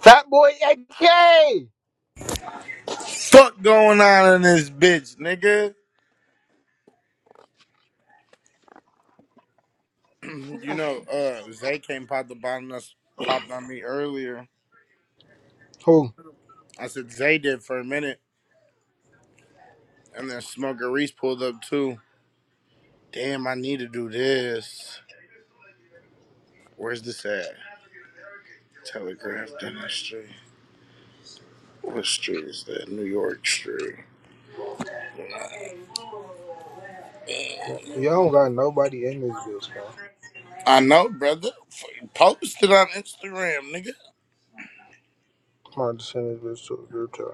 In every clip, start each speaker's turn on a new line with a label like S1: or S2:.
S1: Fat boy AK.
S2: fuck going on in this bitch, nigga? You know, uh, Zay came popped up on us, popped on me earlier.
S1: Who?
S2: I said Zay did for a minute, and then Smoker Reese pulled up too. Damn, I need to do this. Where's this at? Telegraph Dentistry. What street is that? New York Street.
S1: Y'all don't got nobody in this bitch, man.
S2: I know, brother. F- Post it on Instagram, nigga.
S1: Come on, just send this bitch to a group chat.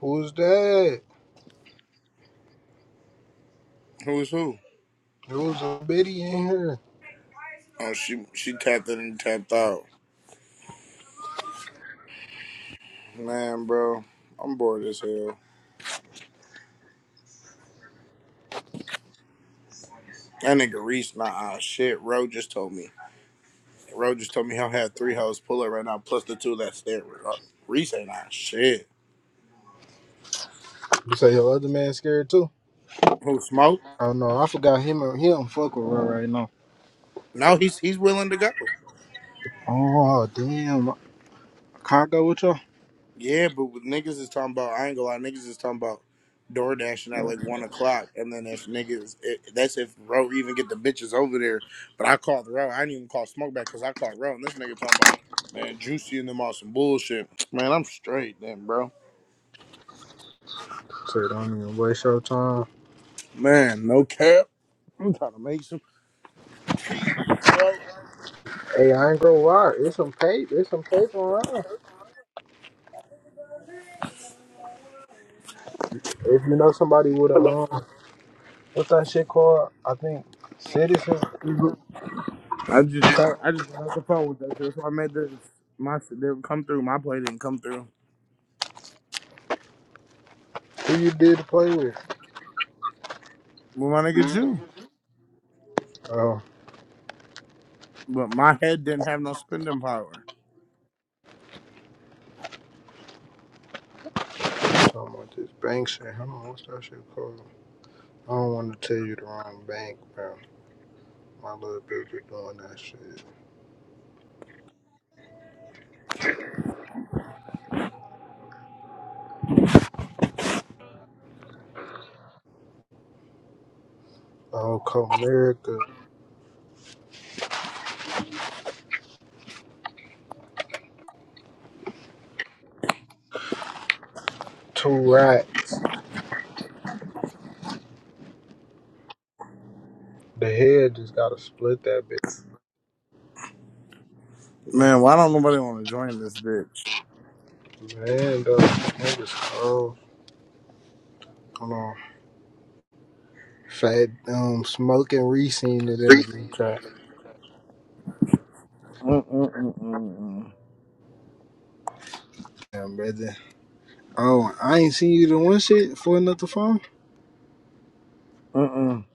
S1: Who's that?
S2: Who's who?
S1: There was a bitty in here.
S2: Oh, she she tapped in and tapped out. Man, bro, I'm bored as hell. That nigga Reese, nah, ah, shit. Ro just told me. Ro just told me he'll have three hoes pull up right now, plus the two that's there. Reese ain't nah, shit.
S1: You say your other man scared too?
S2: Who smoke?
S1: I don't know. I forgot him. He don't fuck with her right now.
S2: No, he's he's willing to go.
S1: Oh damn. Can I go with y'all?
S2: Yeah, but with niggas is talking about, I ain't gonna lie, niggas is talking about door dashing at like one o'clock, and then if niggas, it, that's if Ro even get the bitches over there. But I called Ro. I didn't even call Smoke back because I called Ro, and this nigga talking about, man, Juicy and them on some bullshit. Man, I'm straight then, bro.
S1: Say don't even waste your time.
S2: Man, no cap. I'm trying to make some. bro.
S1: Hey, I ain't gonna lie. It's some tape. It's some tape around. If you know somebody with a um, what's that shit called? I think citizen.
S2: I just tried. I just got off the phone with that shit. That's why I made this. My shit didn't come through. My play didn't come through.
S1: Who you did to play with?
S2: Well, my nigga, you.
S1: Oh.
S2: But my head didn't have no spending power.
S1: I don't want this bank shit. Hold on, what's that shit called? I don't want to tell you the wrong bank, bro. My little bitch is doing that shit. Oh, Comerica, two racks. The head just gotta split that
S2: Man, why don't nobody want to join this bitch?
S1: bitch. Man, though, niggas cold. Come on. Fat, um, smoking re-seen it in the green crack.
S2: Mm-mm-mm-mm-mm.
S1: Damn, brother. Oh, I ain't seen you the one shit for another phone.
S2: Mm-mm.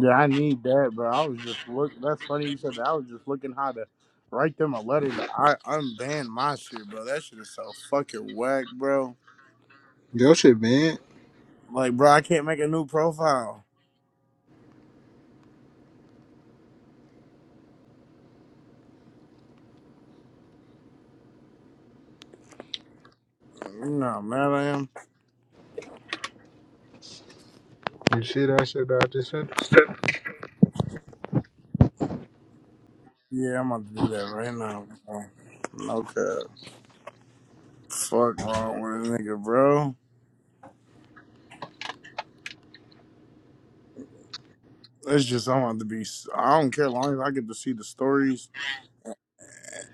S2: Yeah, I need that, bro. I was just looking. That's funny you said that. I was just looking how to write them a letter to I unban my shit, bro. That shit is so fucking whack, bro.
S1: Yo, shit, man.
S2: Like, bro, I can't make a new profile. You know, how mad I am.
S1: You see that shit that I just said?
S2: Yeah, I'm about to do that right now, bro. No cap. Fuck wrong with a nigga, bro. It's just I'm about to be. I don't care long as I get to see the stories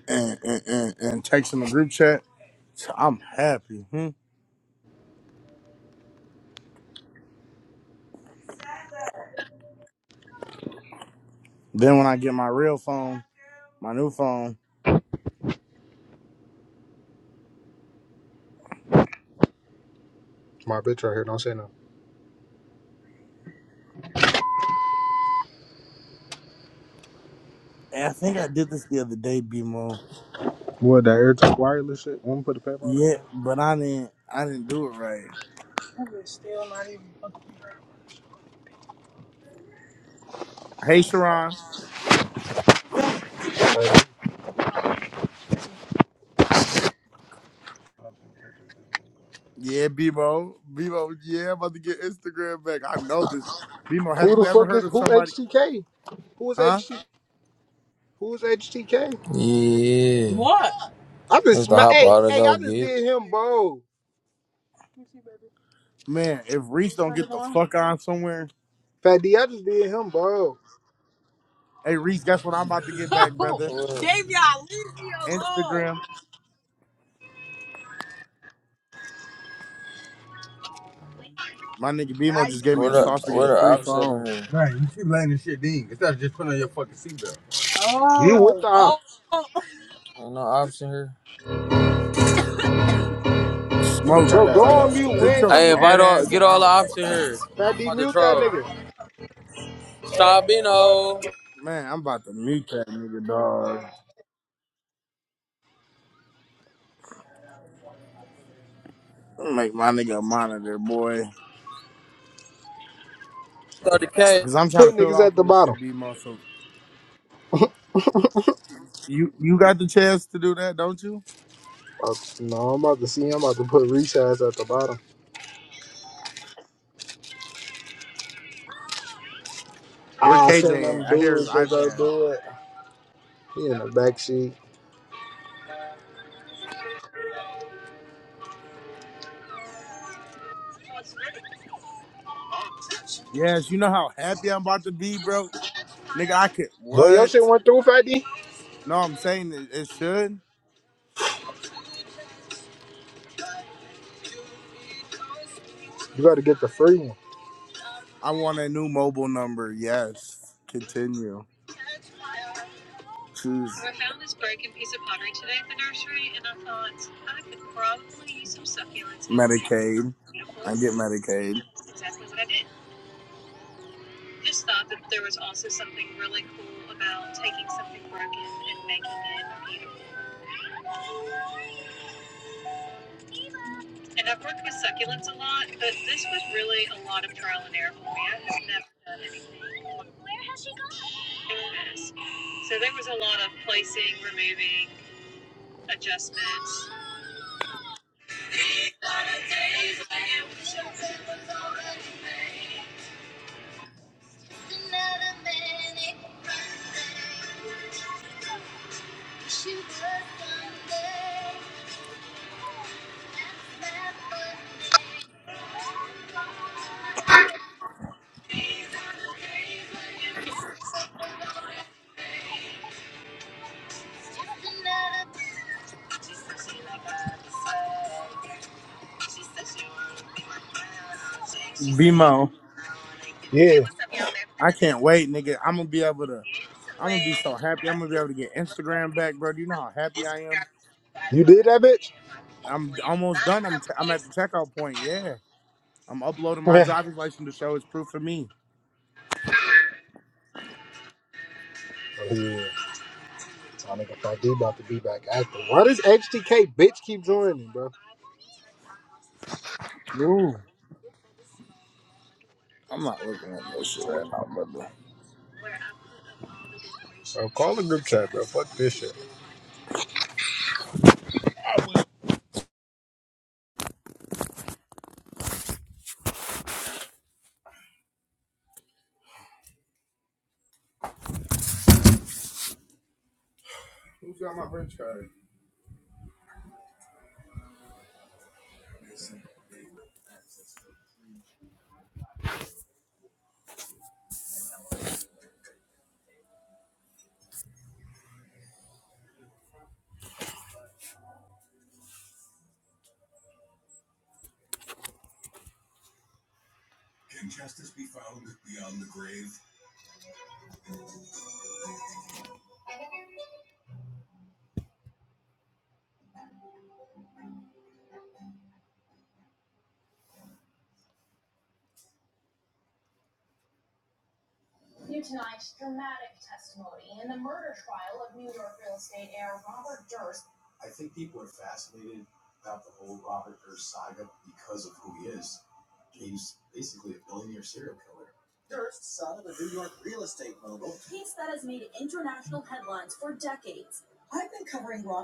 S2: and and and, and text in the group chat. I'm happy. Hmm? Then when I get my real phone, my new phone,
S1: My bitch right here, don't say no.
S2: and I think I did this the other day, BMO.
S1: What, that AirTalk wireless shit? Wanna put the paper on
S2: Yeah, but I didn't. I didn't do it right. Hey, Sharon.
S1: it?
S2: Yeah, Bebo. Bebo. Yeah, I'm about to get Instagram back. I know this. Bemo, have
S1: Who the
S2: you ever
S1: fuck
S2: heard
S1: is
S2: of
S1: who
S2: somebody?
S1: HTK? Who is
S2: Huh?
S1: HT? Who is HTK?
S3: Yeah. What?
S1: I just
S3: What's the
S1: sma-
S3: hop
S1: hey
S3: out to
S1: hey I
S3: go
S1: just
S3: get? it.
S1: did him bro.
S2: Man, if Reese don't get the fuck on somewhere,
S1: Fat D, I just did him bro.
S2: hey Reese, guess what I'm about to get back,
S3: Oh,
S2: brother?
S3: What Davey, I leave me alone.
S2: Instagram. My nigga BMO
S3: I
S2: just gave me
S3: what
S2: a sauce to
S3: the
S2: get
S3: what
S2: a
S3: the
S2: free
S3: option
S2: phone.
S3: here.
S1: You with the
S3: oh oh.
S1: ops.
S3: Ain't no option here.
S2: Smoke.
S1: Bro, go on mute. We
S2: Sit
S1: ain't
S2: your
S3: Hey,
S1: trying.
S2: mad
S3: invite all
S2: ass
S3: get all the
S2: down.
S3: option here.
S1: Fat
S3: I'm
S1: D
S3: about to
S1: mute that
S3: troll.
S1: nigga.
S3: Sabino,
S2: Man, I'm about to mute that nigga, dog. Make my nigga a monitor, boy.
S3: 30k.
S2: Cause I'm trying to
S1: Put
S2: fill
S1: niggas
S2: out
S1: at
S2: for
S1: the
S2: this
S1: bottom.
S2: shit, BMO. So you you got the chance to do that, don't you?
S1: Uh, no, I'm about to see. I'm about to put resize at the bottom.
S2: Where
S1: Ah, I seen
S2: KJ
S1: them
S2: at? I hear his
S1: dudes. They go
S2: iPad.
S1: do it. He in the back seat.
S2: Yes, you know how happy I'm about to be, bro. Nigga, I could
S1: Boy, your
S2: what?
S1: shit went through, Fat D.
S2: No, I'm saying it, it should.
S1: You got to get the free one.
S2: I want a new mobile number. Yes. Continue. Choose Medicaid. I get Medicaid. BMO.
S1: Yeah,
S2: I can't wait, nigga. I'm gonna be able to. I'm gonna be so happy. I'm gonna be able to get Instagram back, bro. Do you know how happy I am?
S1: you did that, bitch.
S2: I'm almost done. I'm t- I'm at the checkout point. Yeah. I'm uploading my
S1: Yeah.
S2: driver's license to show it's proof for me.
S1: Oh, Yeah. I think if I do about to be back active. Why does HTK bitch keep joining, bro?
S2: Ooh. I'm not looking at this shit right now, brother.
S1: Bro, call the group chat, bro. Fuck this shit.
S2: Who's got my French card?